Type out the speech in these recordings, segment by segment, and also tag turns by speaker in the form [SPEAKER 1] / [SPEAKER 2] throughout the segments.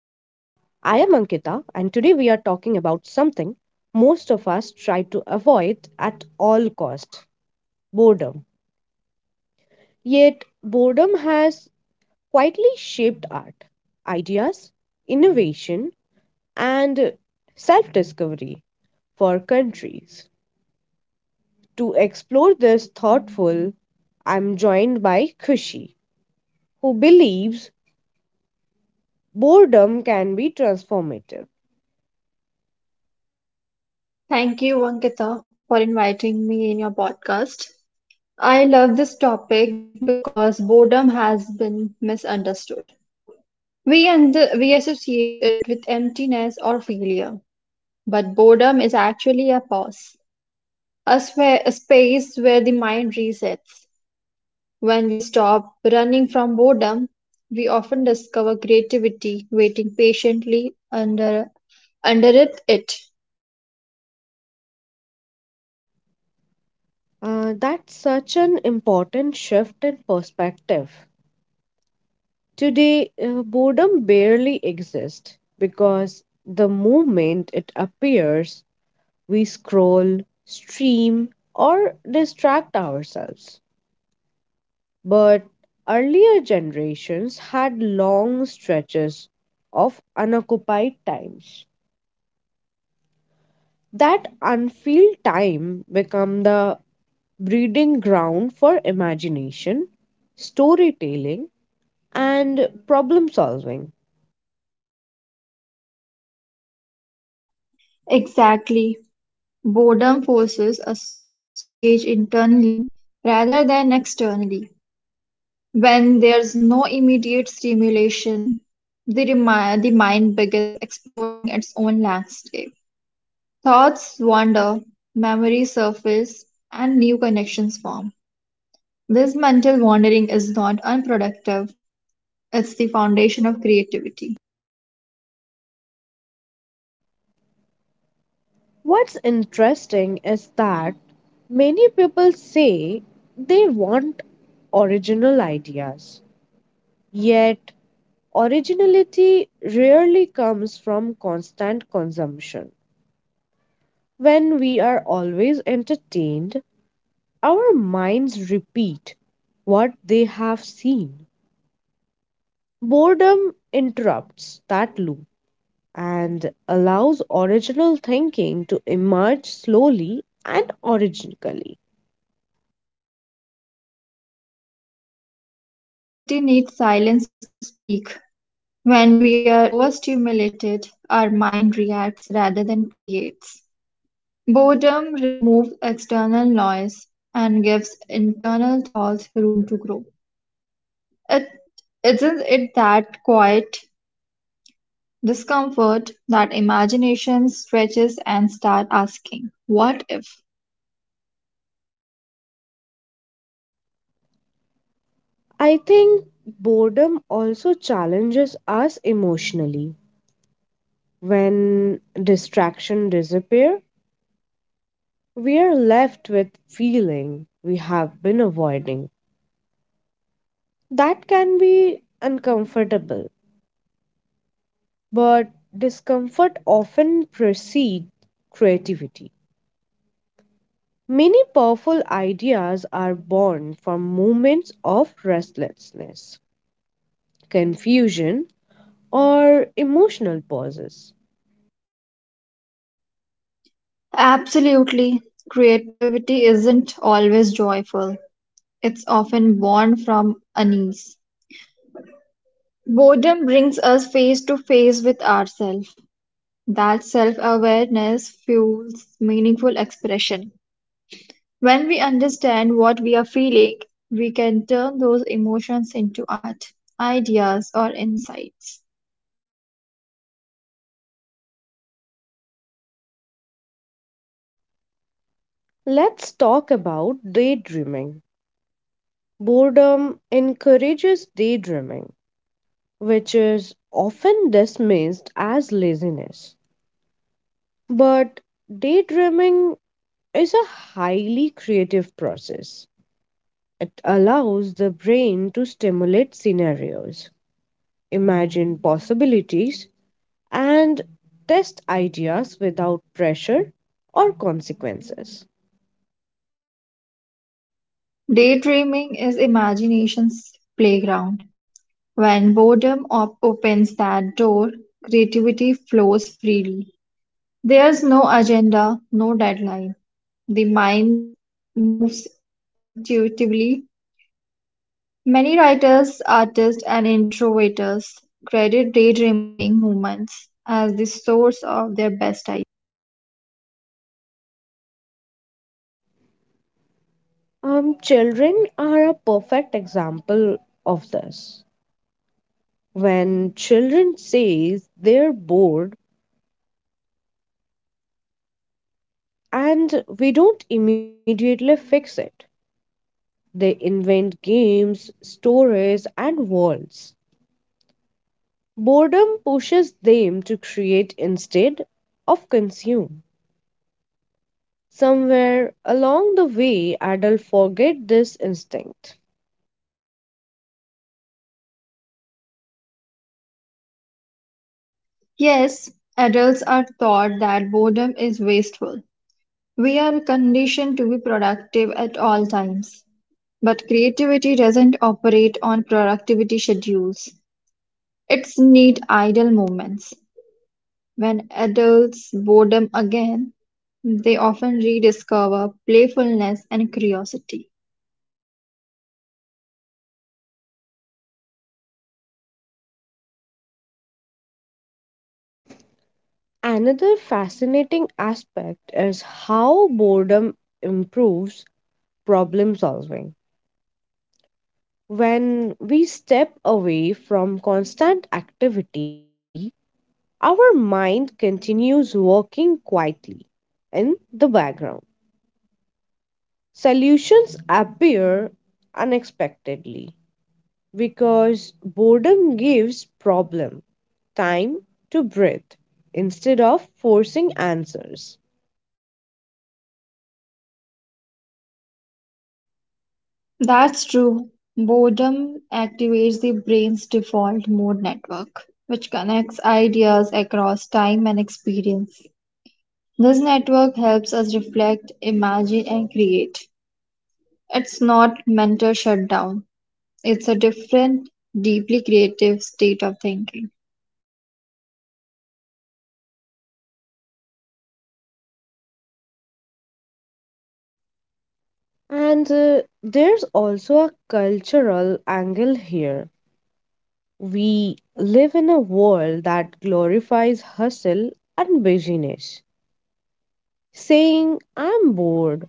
[SPEAKER 1] talking about something most of us try to avoid at all costs: boredom. Yet, boredom has quietly shaped art, ideas, innovation, and self discovery for countries. To explore this thoughtful, I'm joined by Kushi, who believes boredom can be transformative.
[SPEAKER 2] Thank you, Ankita, for inviting me in your podcast. I love this topic because boredom has been misunderstood. We associate it with emptiness or failure, but boredom is actually a pause, a space where the mind resets. When we stop running from boredom, we often discover creativity waiting patiently under it.
[SPEAKER 1] That's such an important shift in perspective. Today, boredom barely exists because the moment it appears, we scroll, stream, or distract ourselves. But earlier generations had long stretches of unoccupied times. That unfilled time become the breeding ground for imagination, storytelling, and problem solving.
[SPEAKER 2] Exactly. Boredom forces us to engage internally rather than externally. When there's no immediate stimulation, the mind begins exploring its own landscape. Thoughts wander, memories surface, and new connections form. This mental wandering is not unproductive, it's the foundation of creativity.
[SPEAKER 1] What's interesting is that many people say they want original ideas, yet, originality rarely comes from constant consumption. When we are always entertained, our minds repeat what they have seen. Boredom interrupts that loop and allows original thinking to emerge slowly and originally.
[SPEAKER 2] Yes, creativity needs silence to speak. When we are overstimulated, our mind reacts rather than creates. Boredom removes external noise and gives internal thoughts room to grow. It isn't it that quiet discomfort that imagination stretches and start asking, what if?
[SPEAKER 1] I think boredom also challenges us emotionally. When distraction disappear, we are left with feeling we have been avoiding. That can be uncomfortable, but discomfort often precedes creativity. Many powerful ideas are born from moments of restlessness, confusion, or emotional pauses.
[SPEAKER 2] Absolutely, creativity isn't always joyful. It's often born from unease. Boredom brings us face to face with ourselves. That self-awareness fuels meaningful expression. When we understand what we are feeling, we can turn those emotions into art, ideas, or insights.
[SPEAKER 1] Let's talk about daydreaming. Boredom encourages daydreaming, which is often dismissed as laziness. But daydreaming is a highly creative process. It allows the brain to stimulate scenarios, imagine possibilities, and test ideas without pressure or consequences.
[SPEAKER 2] Daydreaming is imagination's playground. When boredom opens that door, creativity flows freely. There's no agenda, no deadline. The mind moves intuitively. Many writers, artists, and innovators credit daydreaming movements as the source of their best ideas.
[SPEAKER 1] Children are a perfect example of this. When children say they're bored and we don't immediately fix it, they invent games, stories, and worlds. Boredom pushes them to create instead of consume. Somewhere along the way, adults forget this instinct.
[SPEAKER 2] Yes, adults are taught that boredom is wasteful. We are conditioned to be productive at all times, but creativity doesn't operate on productivity schedules. It's neat idle moments. When adults boredom again, they often rediscover playfulness and curiosity.
[SPEAKER 1] Another fascinating aspect is how boredom improves problem solving. When we step away from constant activity, our mind continues working quietly in the background. Solutions appear unexpectedly because boredom gives problem time to breathe instead of forcing answers.
[SPEAKER 2] That's true. Boredom activates the brain's default mode network, which connects ideas across time and experience. This network helps us reflect, imagine, and create. It's not mental shutdown, it's a different, deeply creative state of thinking.
[SPEAKER 1] And there's also a cultural angle here. We live in a world that glorifies hustle and busyness, saying, I'm bored,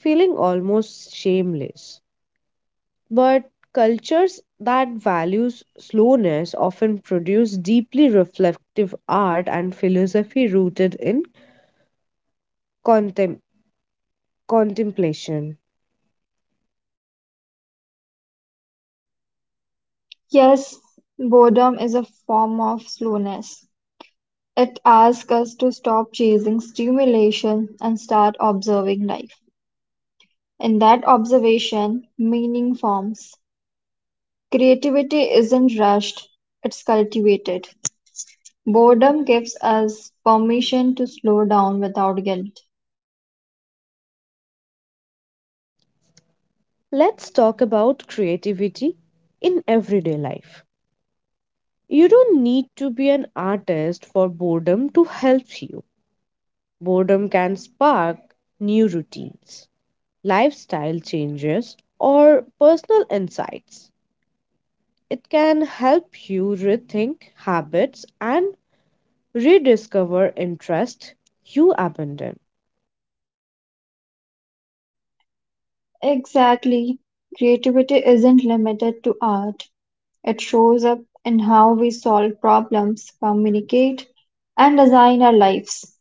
[SPEAKER 1] feeling almost shameless. But cultures that values slowness often produce deeply reflective art and philosophy rooted in contem- contemplation.
[SPEAKER 2] Yes, boredom is a form of slowness. It asks us to stop chasing stimulation and start observing life. In that observation, meaning forms. Creativity isn't rushed, it's cultivated. Boredom gives us permission to slow down without guilt.
[SPEAKER 1] Let's talk about creativity in everyday life. You don't need to be an artist for boredom to help you. Boredom can spark new routines, lifestyle changes, or personal insights. It can help you rethink habits and rediscover interests you abandoned.
[SPEAKER 2] Exactly. Creativity isn't limited to art, it shows up in how we solve problems, communicate, and design our lives.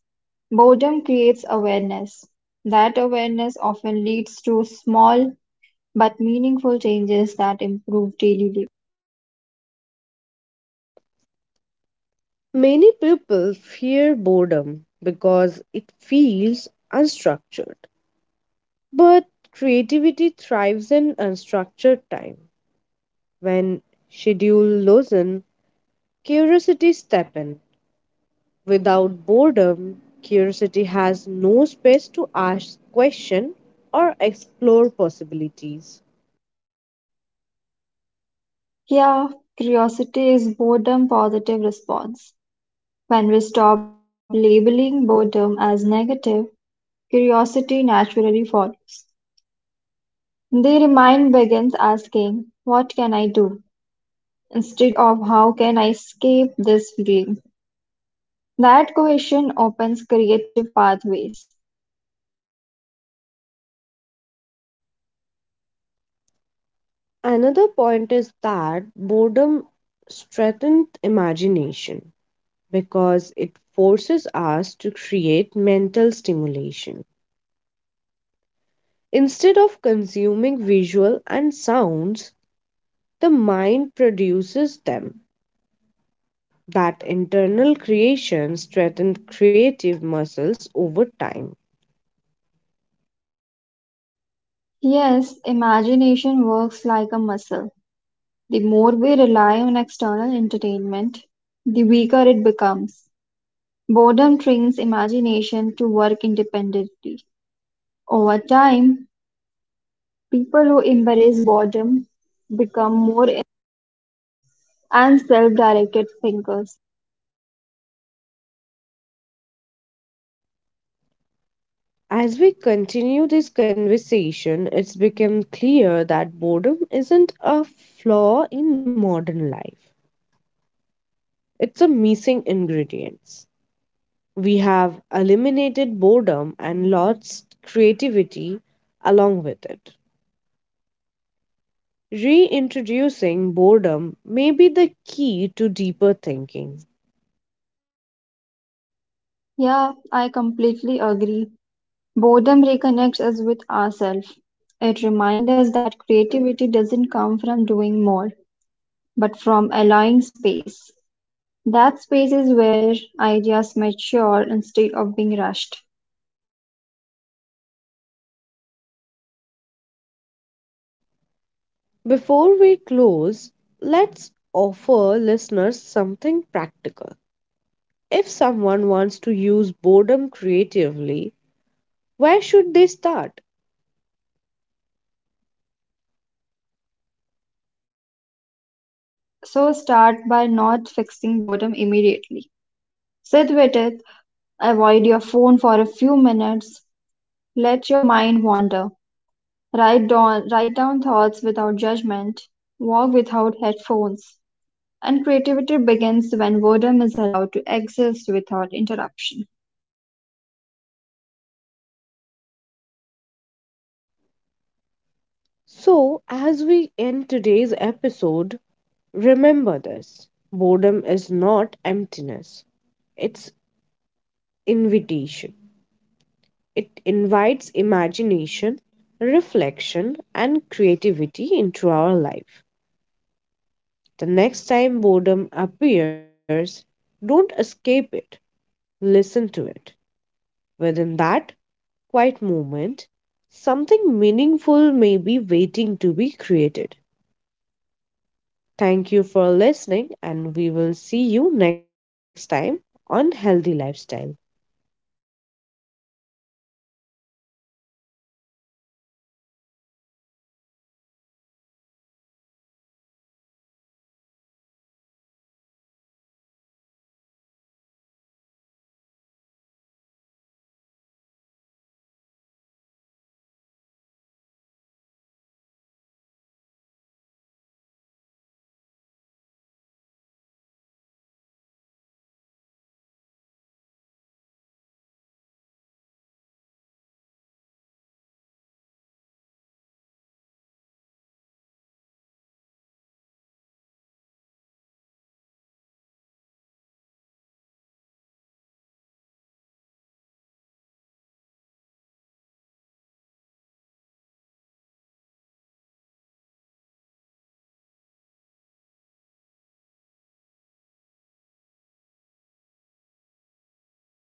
[SPEAKER 2] Boredom creates awareness. That awareness often leads to small but meaningful changes that improve daily.
[SPEAKER 1] Many people fear boredom because it feels unstructured. But creativity thrives in unstructured time. When schedule loosen, curiosity step in. Without boredom, curiosity has no space to ask questions or explore possibilities.
[SPEAKER 2] Yeah, curiosity is boredom positive response. When we stop labeling boredom as negative, curiosity naturally follows. The mind begins asking, what can I do? Instead of how can I escape this feeling? That question opens creative pathways.
[SPEAKER 1] Another point is that boredom strengthens imagination because it forces us to create mental stimulation. Instead of consuming visual and sounds, the mind produces them. That internal creation strengthens creative muscles over time.
[SPEAKER 2] Yes, imagination works like a muscle. The more we rely on external entertainment, the weaker it becomes. Boredom trains imagination to work independently. Over time, people who embrace boredom become more and self-directed thinkers.
[SPEAKER 1] As we continue this conversation, it's become clear that boredom isn't a flaw in modern life. It's a missing ingredient. We have eliminated boredom and lost creativity along with it. Reintroducing boredom may be the key to deeper thinking.
[SPEAKER 2] Yeah, I completely agree. Boredom reconnects us with ourselves. It reminds us that creativity doesn't come from doing more, but from allowing space. That space is where ideas mature instead of being rushed.
[SPEAKER 1] Before we close, let's offer listeners something practical. If someone wants to use boredom creatively, where should they start?
[SPEAKER 2] So start by not fixing boredom immediately. Sit with it. Avoid your phone for a few minutes, let your mind wander, write down thoughts without judgment, walk without headphones, and creativity begins when boredom is allowed to exist without interruption.
[SPEAKER 1] So, as we end today's episode, remember this: boredom is not emptiness, it's invitation. It invites imagination, reflection, and creativity into our life. The next time boredom appears, don't escape it, listen to it. Within that quiet moment, something meaningful may be waiting to be created. Thank you for listening, and we will see you next time on Healthy Lifestyle.